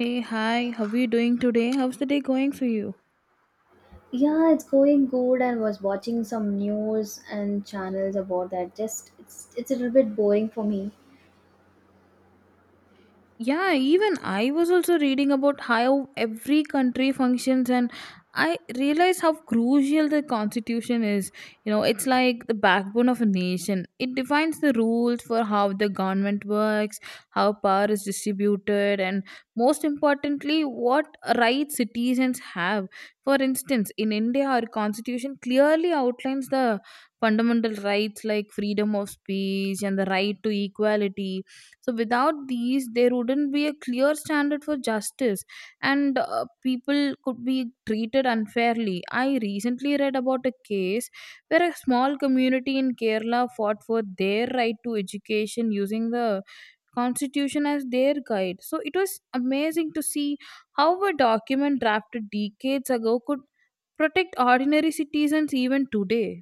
Hey, hi, how are you doing today? How's the day going for you? Yeah, it's going good and was watching some news and channels about that. Just it's a little bit boring for me. Yeah, even I was also reading about how every country functions, and I realized how crucial the constitution is. You know, it's like the backbone of a nation. It defines the rules for how the government works, how power is distributed, and most importantly, what rights citizens have. For instance, in India, our constitution clearly outlines the fundamental rights like freedom of speech and the right to equality, so without these there wouldn't be a clear standard for justice, and people could be treated unfairly. I recently read about a case where a small community in Kerala fought for their right to education using the constitution as their guide, so it was amazing to see how a document drafted decades ago could protect ordinary citizens even today.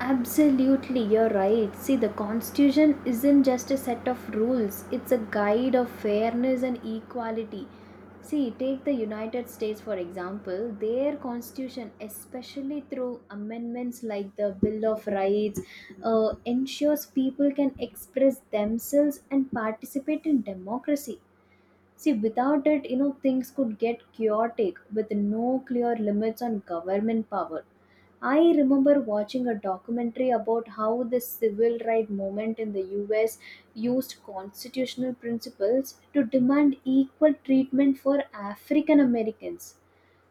Absolutely, you're right. See, the constitution isn't just a set of rules. It's a guide of fairness and equality. See, take the United States for example. Their constitution, especially through amendments like the Bill of Rights, ensures people can express themselves and participate in democracy. See, without it, things could get chaotic with no clear limits on government power. I remember watching a documentary about how the civil rights movement in the US used constitutional principles to demand equal treatment for African Americans.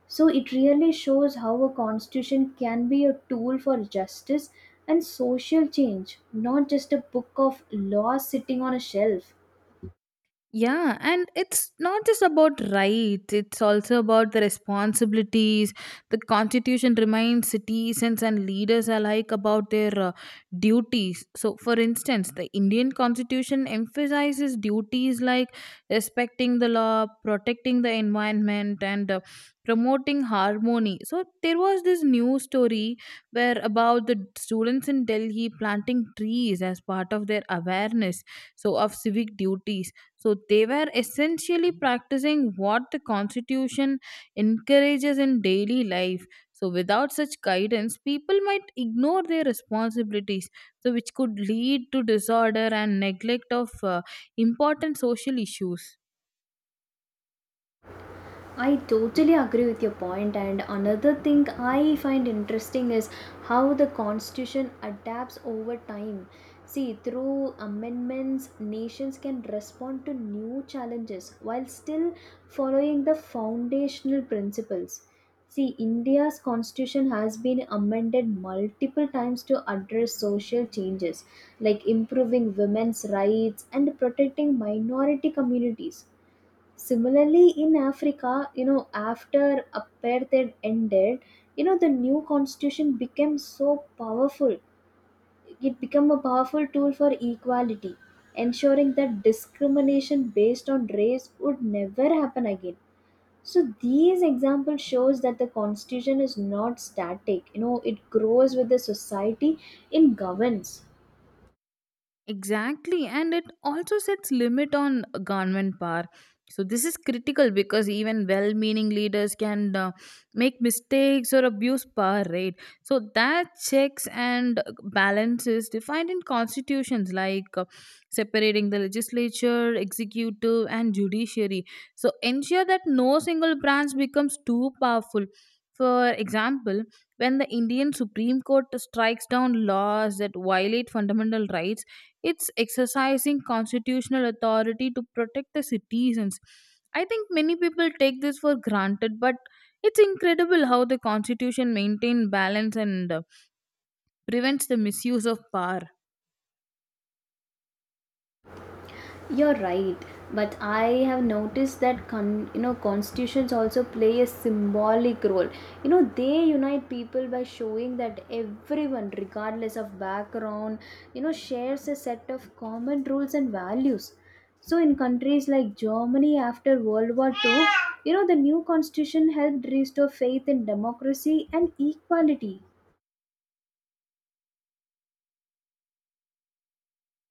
So it really shows how a constitution can be a tool for justice and social change, not just a book of laws sitting on a shelf. Yeah, and it's not just about rights, it's also about the responsibilities. The constitution reminds citizens and leaders alike about their duties. So, for instance, the Indian constitution emphasizes duties like respecting the law, protecting the environment, and promoting harmony. So, there was this news story where about the students in Delhi planting trees as part of their awareness so of civic duties, so they were essentially practicing what the Constitution encourages in daily life. So without such guidance, people might ignore their responsibilities, so which could lead to disorder and neglect of important social issues. I totally agree with your point, and another thing I find interesting is how the constitution adapts over time. See, through amendments, nations can respond to new challenges while still following the foundational principles. See, India's constitution has been amended multiple times to address social changes like improving women's rights and protecting minority communities. Similarly, in Africa, after apartheid ended, the new constitution became so powerful. It became a powerful tool for equality, ensuring that discrimination based on race would never happen again. So these examples shows that the constitution is not static. You know, it grows with the society it governs. Exactly, and it also sets limit on government power. So this is critical because even well-meaning leaders can make mistakes or abuse power, right? So that checks and balances defined in constitutions, like separating the legislature, executive, and judiciary. So ensure that no single branch becomes too powerful. For example, when the Indian Supreme Court strikes down laws that violate fundamental rights, it's exercising constitutional authority to protect the citizens. I think many people take this for granted, but it's incredible how the constitution maintains balance and prevents the misuse of power. You're right, but I have noticed that constitutions also play a symbolic role. You know they unite people by showing that everyone, regardless of background, shares a set of common rules and values. So in countries like Germany after World War Two, the new constitution helped restore faith in democracy and equality.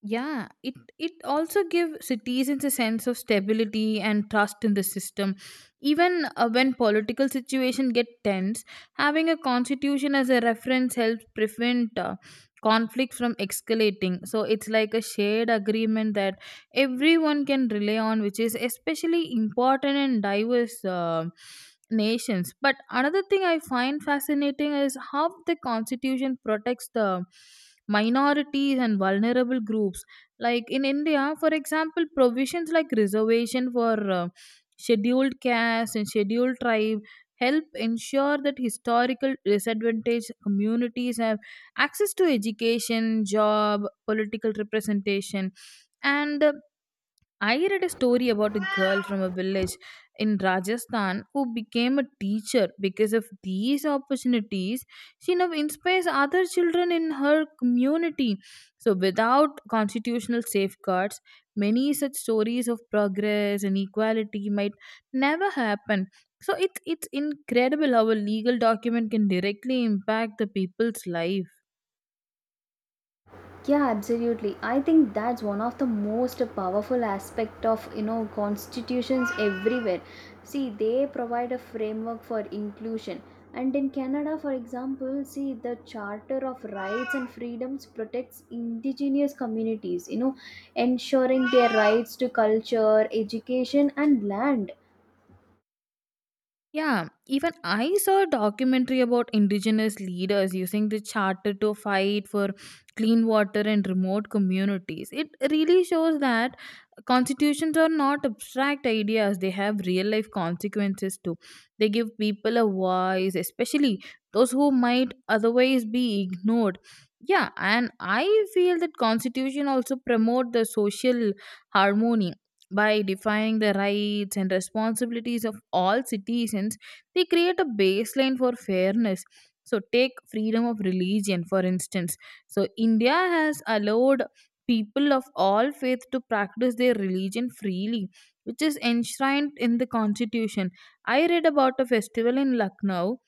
Yeah, it also gives citizens a sense of stability and trust in the system. Even when political situation get tense, having a constitution as a reference helps prevent conflict from escalating. So it's like a shared agreement that everyone can rely on, which is especially important in diverse nations. But another thing I find fascinating is how the constitution protects the minorities and vulnerable groups, like in India for example, provisions like reservation for scheduled caste and scheduled tribe help ensure that historical disadvantaged communities have access to education, job, political representation, and I read a story about a girl from a village in Rajasthan who became a teacher because of these opportunities. She now inspires other children in her community. So, without constitutional safeguards, many such stories of progress and equality might never happen. So, it's incredible how a legal document can directly impact the people's life. Yeah, absolutely. I think that's one of the most powerful aspect of constitutions everywhere. See, they provide a framework for inclusion, and in Canada, for example, see the Charter of Rights and Freedoms protects indigenous communities, you know, ensuring their rights to culture, education, and land. Yeah, even I saw a documentary about indigenous leaders using the charter to fight for clean water in remote communities. It really shows that constitutions are not abstract ideas, they have real life consequences too. They give people a voice, especially those who might otherwise be ignored. Yeah, and I feel that constitution also promote the social harmony. By defining the rights and responsibilities of all citizens, they create a baseline for fairness. So, take freedom of religion, for instance. So, India has allowed people of all faith to practice their religion freely, which is enshrined in the constitution. I read about a festival in Lucknow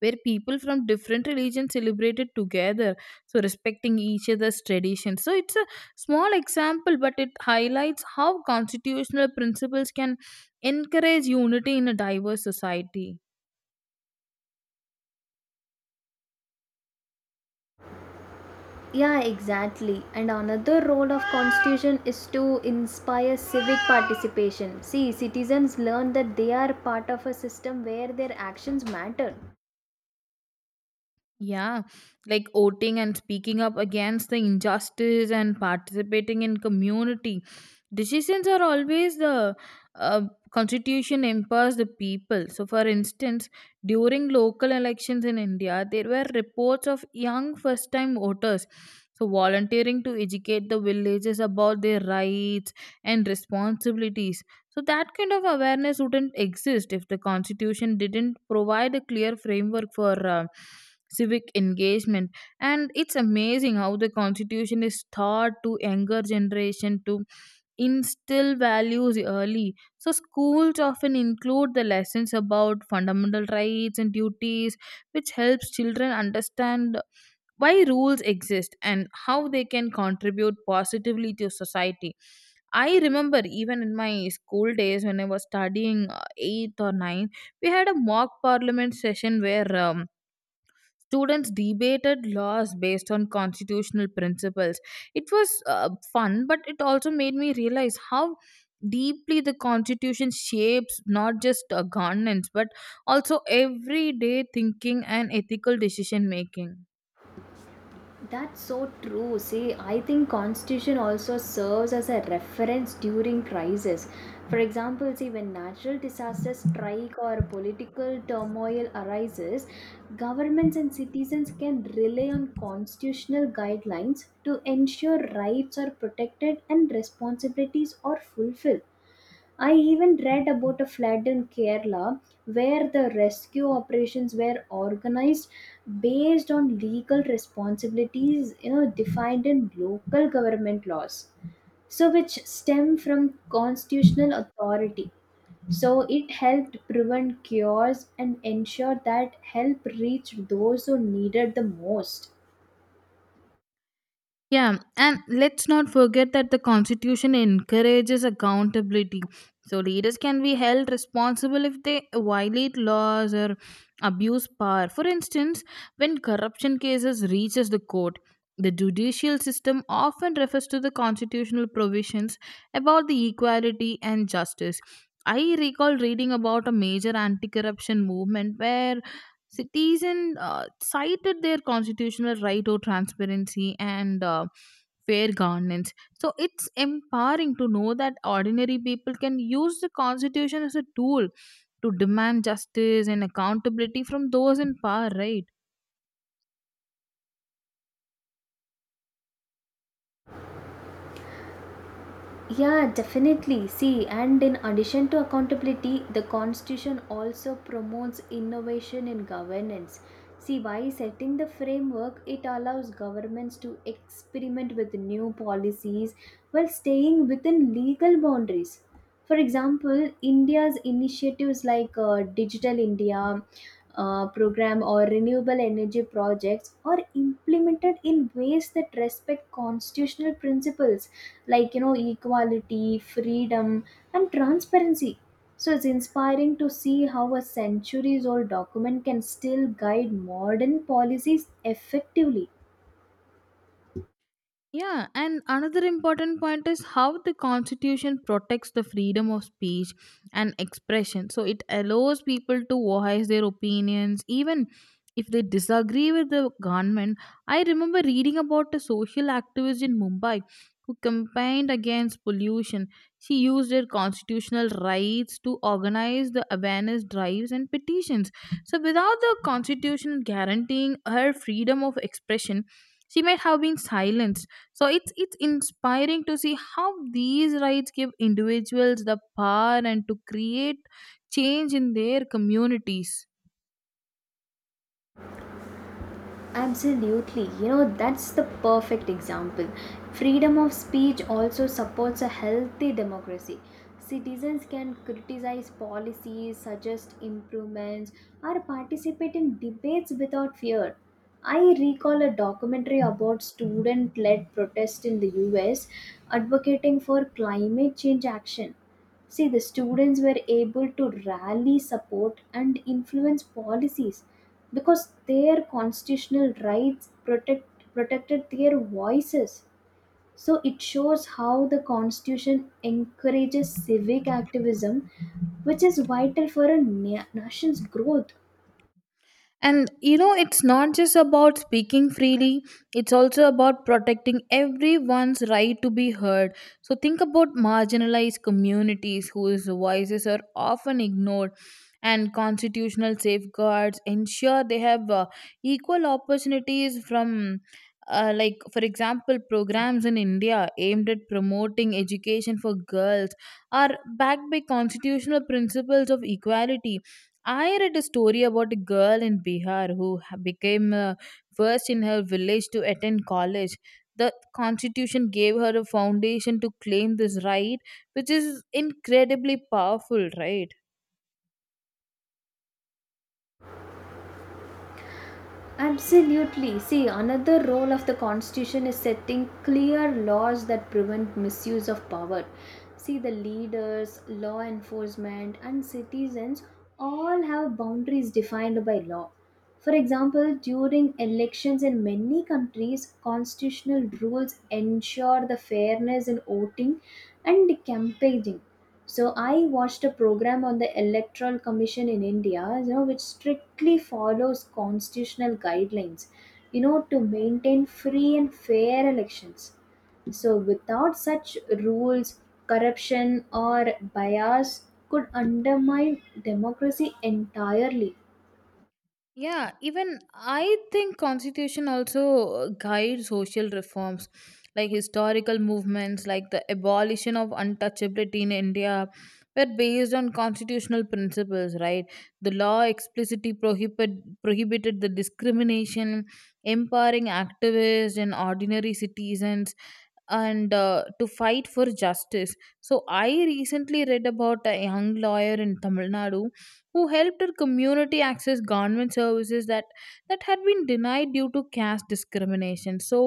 where people from different religions celebrated together, so respecting each other's traditions. So it's a small example, but it highlights how constitutional principles can encourage unity in a diverse society. Yeah, exactly. And another role of constitution is to inspire civic participation. See, citizens learn that they are part of a system where their actions matter. Yeah, like voting and speaking up against the injustice and participating in community decisions are always the uh, constitution empowers the people. So, for instance, during local elections in India, there were reports of young first time voters. So, volunteering to educate the villages about their rights and responsibilities, so that kind of awareness wouldn't exist if the constitution didn't provide a clear framework for civic engagement. And it's amazing how the constitution is taught to younger generation to instill values early, so schools often include the lessons about fundamental rights and duties, which helps children understand why rules exist and how they can contribute positively to society. I remember even in my school days, when I was studying 8th or 9th, we had a mock parliament session where students debated laws based on constitutional principles. It was fun, but it also made me realize how deeply the constitution shapes not just governance but also everyday thinking and ethical decision making. That's so true. See, I think constitution also serves as a reference during crisis. For example, see when natural disasters strike or political turmoil arises, governments and citizens can rely on constitutional guidelines to ensure rights are protected and responsibilities are fulfilled. I even read about a flood in Kerala where the rescue operations were organized based on legal responsibilities, you know, defined in local government laws, so which stem from constitutional authority, so it helped prevent chaos and ensure that help reached those who needed the most. Yeah, and let's not forget that the Constitution encourages accountability. So, leaders can be held responsible if they violate laws or abuse power. For instance, when corruption cases reaches the court, the judicial system often refers to the constitutional provisions about the equality and justice. I recall reading about a major anti corruption movement where citizen cited their constitutional right to transparency and fair governance. So it's empowering to know that ordinary people can use the constitution as a tool to demand justice and accountability from those in power, right? Yeah, definitely. See, and in addition to accountability, the constitution also promotes innovation in governance. See, by setting the framework, it allows governments to experiment with new policies while staying within legal boundaries. For example, India's initiatives like Digital India program or renewable energy projects are implemented in ways that respect constitutional principles like, you know, equality, freedom, and transparency. So it's inspiring to see how a centuries old document can still guide modern policies effectively. Yeah, and another important point is how the constitution protects the freedom of speech and expression. So it allows people to voice their opinions even if they disagree with the government. I remember reading about a social activist in Mumbai who campaigned against pollution. She used her constitutional rights to organize the awareness drives and petitions. So without the constitution guaranteeing her freedom of expression, she might have been silenced. So it's inspiring to see how these rights give individuals the power and to create change in their communities. Absolutely. You know, that's the perfect example. Freedom of speech also supports a healthy democracy. Citizens can criticize policies, suggest improvements, or participate in debates without fear. I recall a documentary about student led protest in the US advocating for climate change action. See, the students were able to rally support and influence policies because their constitutional rights protected their voices. So it shows how the constitution encourages civic activism, which is vital for a nation's growth. And you know, it's not just about speaking freely, it's also about protecting everyone's right to be heard. So, think about marginalized communities whose voices are often ignored, and constitutional safeguards ensure they have equal opportunities from. Like for example, programs in India aimed at promoting education for girls are backed by constitutional principles of equality. I read a story about a girl in Bihar who became first in her village to attend college. The constitution gave her a foundation to claim this right, which is incredibly powerful, right? Absolutely. See, another role of the constitution is setting clear laws that prevent misuse of power. See, the leaders, law enforcement, and citizens all have boundaries defined by law. For example, during elections in many countries, constitutional rules ensure the fairness in voting and campaigning. So I watched a program on the Electoral Commission in India, you know, which strictly follows constitutional guidelines, you know, to maintain free and fair elections. So without such rules, corruption or bias could undermine democracy entirely. Yeah, even I think constitution also guides social reforms, like historical movements like the abolition of untouchability in India were based on constitutional principles, right? The law explicitly prohibited the discrimination, empowering activists and ordinary citizens, and to fight for justice. So I recently read about a young lawyer in Tamil Nadu who helped her community access government services that had been denied due to caste discrimination, so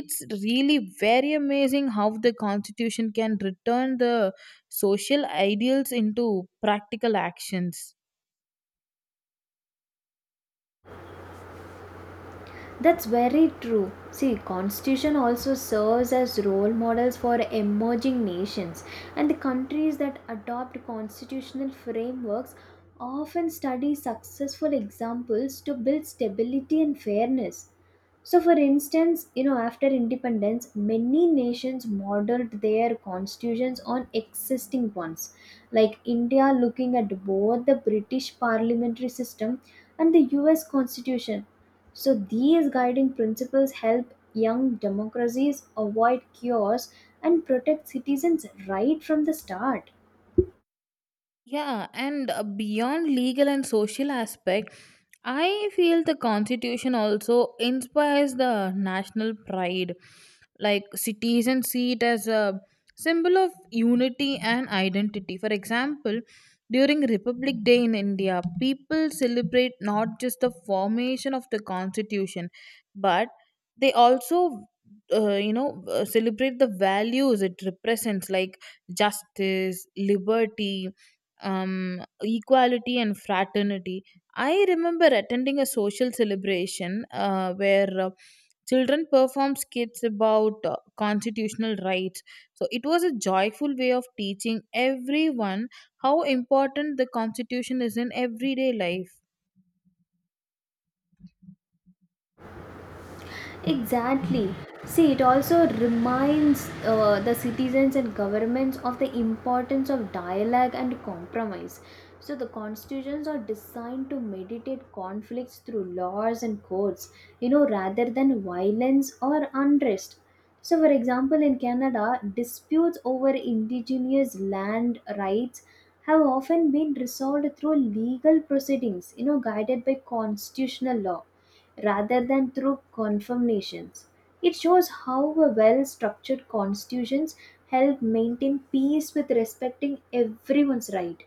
it's really very amazing how the constitution can return the social ideals into practical actions. That's very true. See, constitution also serves as role models for emerging nations, and the countries that adopt constitutional frameworks often study successful examples to build stability and fairness. So, for instance, you know, after independence, many nations modeled their constitutions on existing ones, like India looking at both the British parliamentary system and the US constitution. So, these guiding principles help young democracies avoid chaos and protect citizens right from the start. Yeah, and beyond legal and social aspect, I feel the constitution also inspires the national pride. Like citizens see it as a symbol of unity and identity. For example, during Republic Day in India, people celebrate not just the formation of the constitution, but they also celebrate the values it represents, like justice, liberty, equality, and fraternity. I remember attending a social celebration where children performed skits about constitutional rights. So it was a joyful way of teaching everyone how important the constitution is in everyday life. Exactly. See, it also reminds the citizens and governments of the importance of dialogue and compromise. So, the constitutions are designed to mediate conflicts through laws and courts, you know, rather than violence or unrest. So, for example, in Canada, disputes over indigenous land rights have often been resolved through legal proceedings, you know, guided by constitutional law rather than through confirmations. It shows how a well structured constitutions help maintain peace with respecting everyone's right.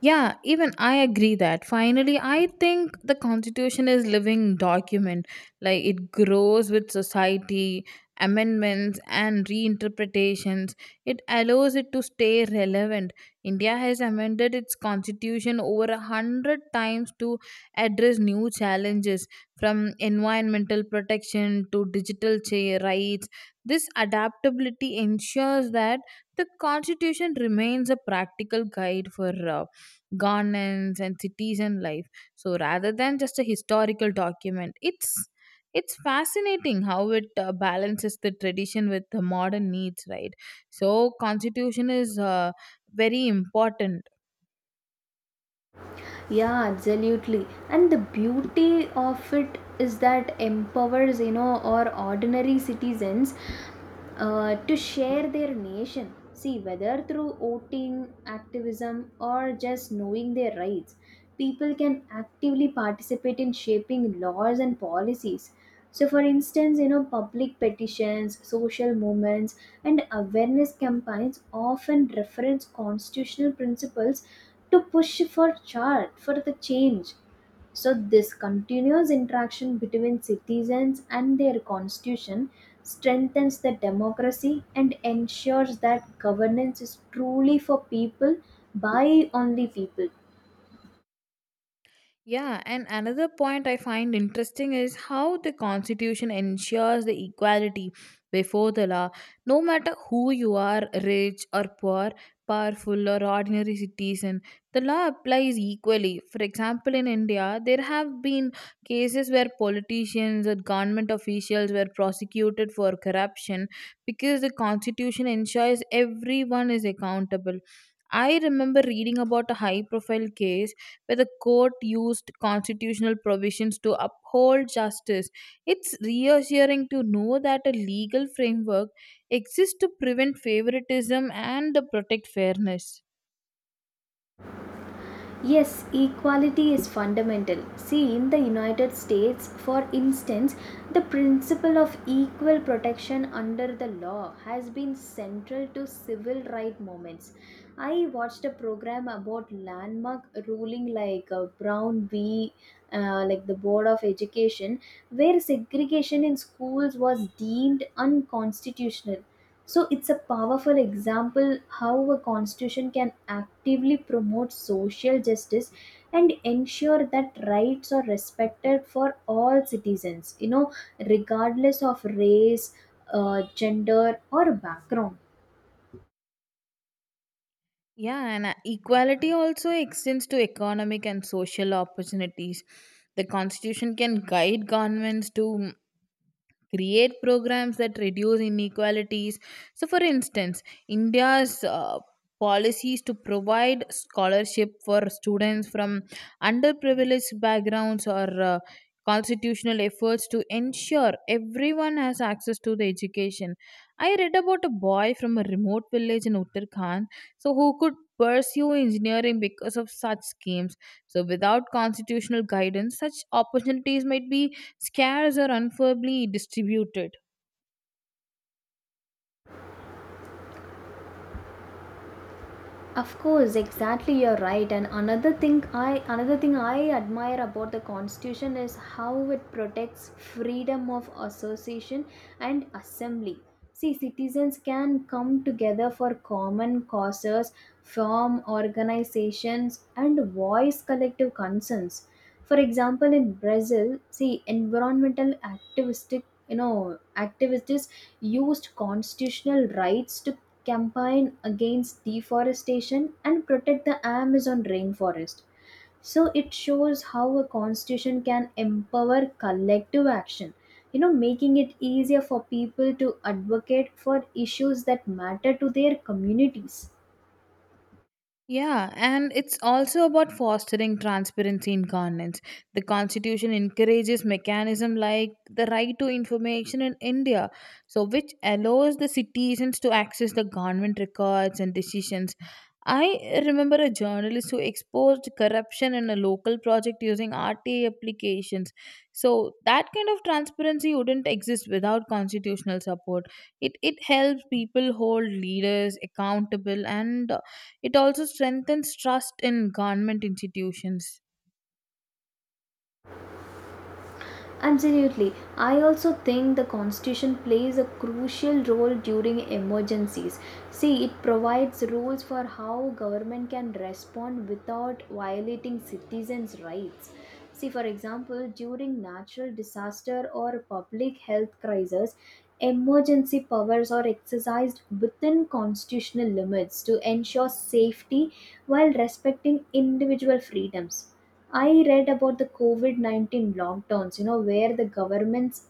Yeah, even I agree that. Finally, I think the constitution is living document. Like it grows with society, amendments and reinterpretations. It allows it to stay relevant. India has amended its constitution over a hundred times to address new challenges, from environmental protection to digital rights. This adaptability ensures that the constitution remains a practical guide for governance and citizen life, so rather than just a historical document, it's fascinating how it balances the tradition with the modern needs, right? So constitution is very important. Yeah, absolutely. And the beauty of it is that empowers, you know, our ordinary citizens to share their nation. See, whether through voting, activism, or just knowing their rights, people can actively participate in shaping laws and policies. So, for instance, you know, public petitions, social movements, and awareness campaigns often reference constitutional principles to push for chart for the change. So, this continuous interaction between citizens and their constitution strengthens the democracy and ensures that governance is truly for people by only people. Yeah, and another point I find interesting is how the Constitution ensures the equality before the law. No matter who you are, rich or poor, powerful or ordinary citizen, the law applies equally. For example, in India, there have been cases where politicians or government officials were prosecuted for corruption because the Constitution ensures everyone is accountable. I remember reading about a high profile case where the court used constitutional provisions to uphold justice. It's reassuring to know that a legal framework exists to prevent favoritism and to protect fairness. Yes, equality is fundamental. See, in the United States, for instance, the principle of equal protection under the law has been central to civil rights movements. I watched a program about landmark ruling like Brown v. Like the Board of Education, where segregation in schools was deemed unconstitutional. So it's a powerful example how a constitution can actively promote social justice and ensure that rights are respected for all citizens, you know, regardless of race, gender, or background. Yeah, and equality also extends to economic and social opportunities. The constitution can guide governments to create programs that reduce inequalities. So, for instance, India's policies to provide scholarship for students from underprivileged backgrounds, or constitutional efforts to ensure everyone has access to the education. I read about a boy from a remote village in Uttarakhand, so who could pursue engineering because of such schemes. So without constitutional guidance, such opportunities might be scares are unfairly distributed. Of course, exactly, you're right. And another thing I admire about the constitution is how it protects freedom of association and assembly. See, citizens can come together for common causes, form organizations and voice collective concerns. For example, in Brazil, see environmental activistic you know, activists used constitutional rights to campaign against deforestation and protect the Amazon rainforest. So it shows how a constitution can empower collective action, you know, making it easier for people to advocate for issues that matter to their communities. Yeah, and it's also about fostering transparency in governance. The constitution encourages mechanism like the right to information in India, so which allows the citizens to access the government records and decisions. I remember a journalist who exposed corruption in a local project using RTA applications. So that kind of transparency wouldn't exist without constitutional support. It helps people hold leaders accountable and it also strengthens trust in government institutions. Absolutely. I also think the constitution plays a crucial role during emergencies. See, it provides rules for how government can respond without violating citizens' rights. See, for example, during natural disaster or public health crisis, emergency powers are exercised within constitutional limits to ensure safety while respecting individual freedoms. I read about the COVID 19 lockdowns, you know, where the governments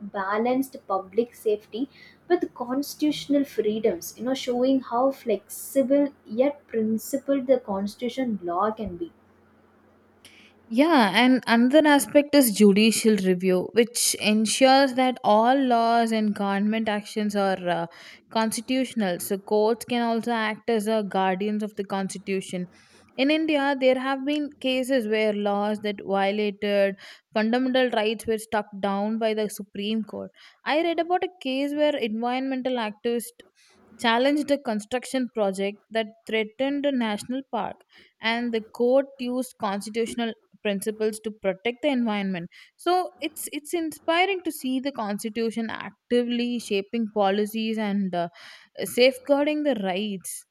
balanced public safety with constitutional freedoms, you know, showing how flexible yet principled the constitution law can be. Yeah, and another aspect is judicial review, which ensures that all laws and government actions are constitutional. So, courts can also act as a guardians of the constitution. In India, there have been cases where laws that violated fundamental rights were struck down by the Supreme Court. I read about a case where environmental activists challenged a construction project that threatened a national park and the court used constitutional principles to protect the environment. So it's inspiring to see the constitution actively shaping policies and safeguarding the rights.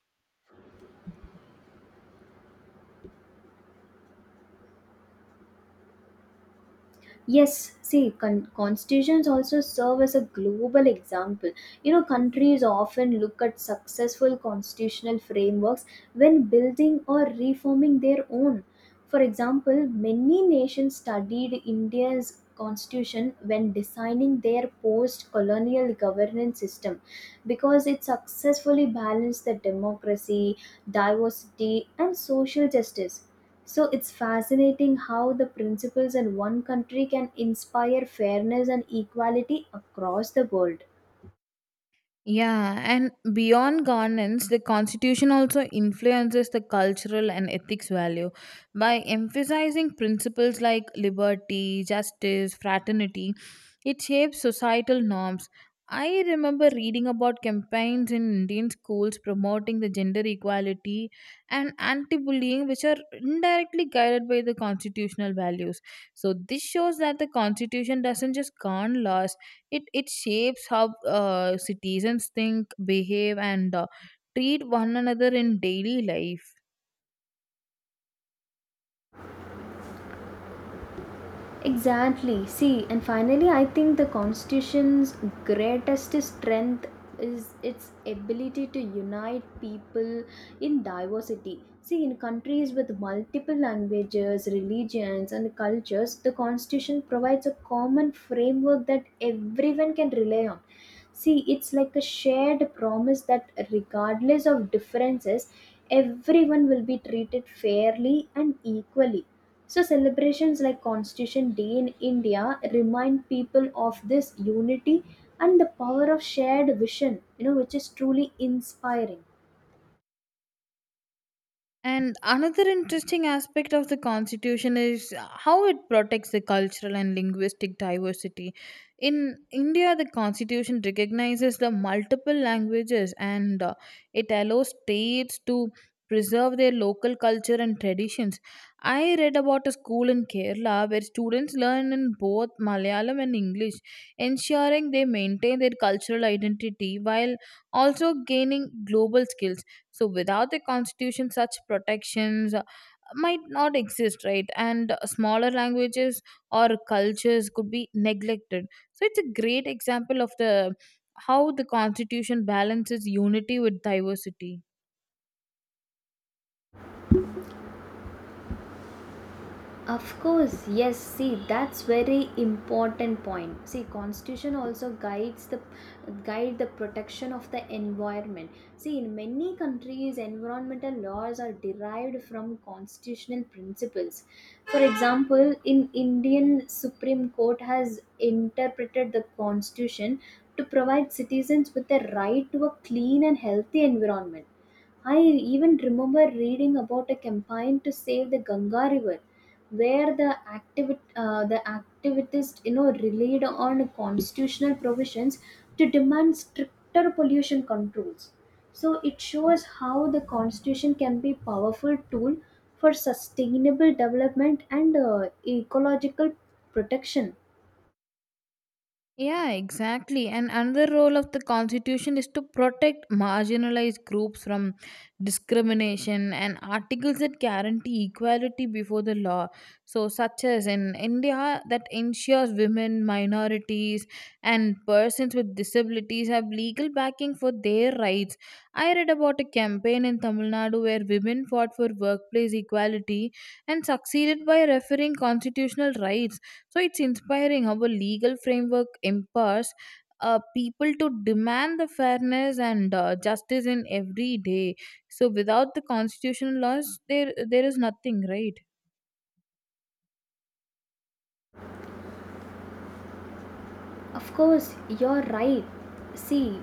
Yes, see, constitutions also serve as a global example. You know, countries often look at successful constitutional frameworks when building or reforming their own. For example, many nations studied India's constitution when designing their post colonial governance system because it successfully balanced the democracy, diversity, and social justice. So it's fascinating how the principles in one country can inspire fairness and equality across the world. Yeah, and beyond governance, the constitution also influences the cultural and ethics value by emphasizing principles like liberty, justice, fraternity. It shapes societal norms. I remember reading about campaigns in Indian schools promoting the gender equality and anti-bullying which are indirectly guided by the constitutional values. So this shows that the constitution doesn't just govern laws, it shapes how citizens think behave and treat one another in daily life. Exactly. See, and finally, I think the Constitution's greatest strength is its ability to unite people in diversity. See, in countries with multiple languages, religions, and cultures, the Constitution provides a common framework that everyone can rely on. See, it's like a shared promise that regardless of differences, everyone will be treated fairly and equally. So, celebrations like Constitution Day in India remind people of this unity and the power of shared vision, you know, which is truly inspiring. And another interesting aspect of the constitution is how it protects the cultural and linguistic diversity. In India, the constitution recognizes the multiple languages and it allows states to preserve their local culture and traditions. I read about a school in Kerala where students learn in both Malayalam and English, ensuring they maintain their cultural identity while also gaining global skills. So without the constitution such protections might not exist, right? And smaller languages or cultures could be neglected. So it's a great example of the how the constitution balances unity with diversity. Of course, yes. See, that's very important point. See, constitution also guides the protection of the environment. See, in many countries, environmental laws are derived from constitutional principles. For example, in Indian Supreme Court has interpreted the constitution to provide citizens with the right to a clean and healthy environment. I even remember reading about a campaign to save the Ganga River, where the activists, you know, relied on constitutional provisions to demand stricter pollution controls. So it shows how the constitution can be a powerful tool for sustainable development and ecological protection. Yeah, exactly. And another role of the Constitution is to protect marginalized groups from discrimination and articles that guarantee equality before the law. So, such as in India, that ensures women, minorities, and persons with disabilities have legal backing for their rights. I read about a campaign in Tamil Nadu where women fought for workplace equality and succeeded by referring constitutional rights. So it's inspiring how a legal framework empowers people to demand the fairness and justice in every day. So without the constitutional laws, there is nothing, right? Of course, you're right. See,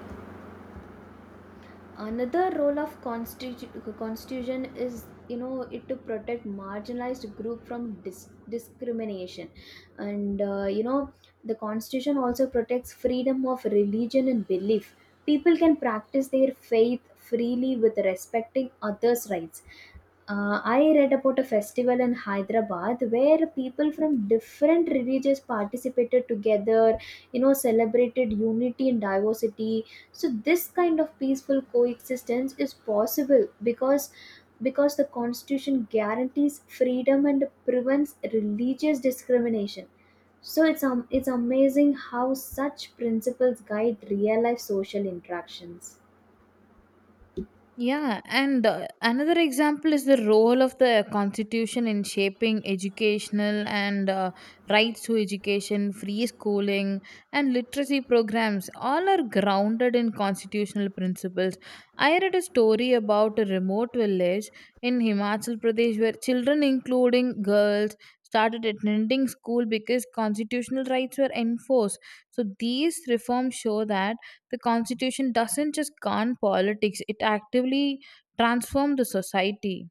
another role of constitution is, you know, it to protect marginalized group from discrimination, and, you know, the constitution also protects freedom of religion and belief. People can practice their faith freely with respecting others rights. I read about a festival in Hyderabad where people from different religions participated together, you know, celebrated unity and diversity. So this kind of peaceful coexistence is possible because the constitution guarantees freedom and prevents religious discrimination. So it's amazing how such principles guide real life social interactions. Yeah, and another example is the role of the constitution in shaping educational and rights to education, free schooling, and literacy programs. All are grounded in constitutional principles. I read a story about a remote village in Himachal Pradesh where children, including girls, started attending school because constitutional rights were enforced. So these reforms show that the constitution doesn't just gun politics, it actively transformed the society.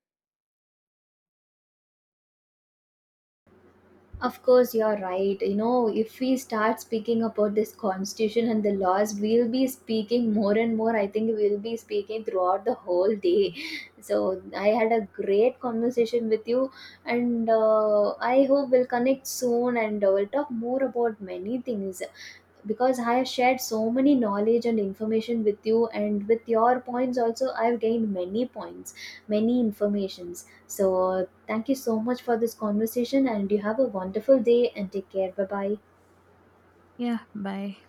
Of course, you're right. You know, if we start speaking about this constitution and the laws, we'll be speaking more and more. I think we'll be speaking throughout the whole day. So, I had a great conversation with you, and I hope we'll connect soon, and we'll talk more about many things, because I have shared so many knowledge and information with you, and with your points, also, I've gained many points, many informations. So, thank you so much for this conversation, and you have a wonderful day and take care. Bye bye. Yeah, bye.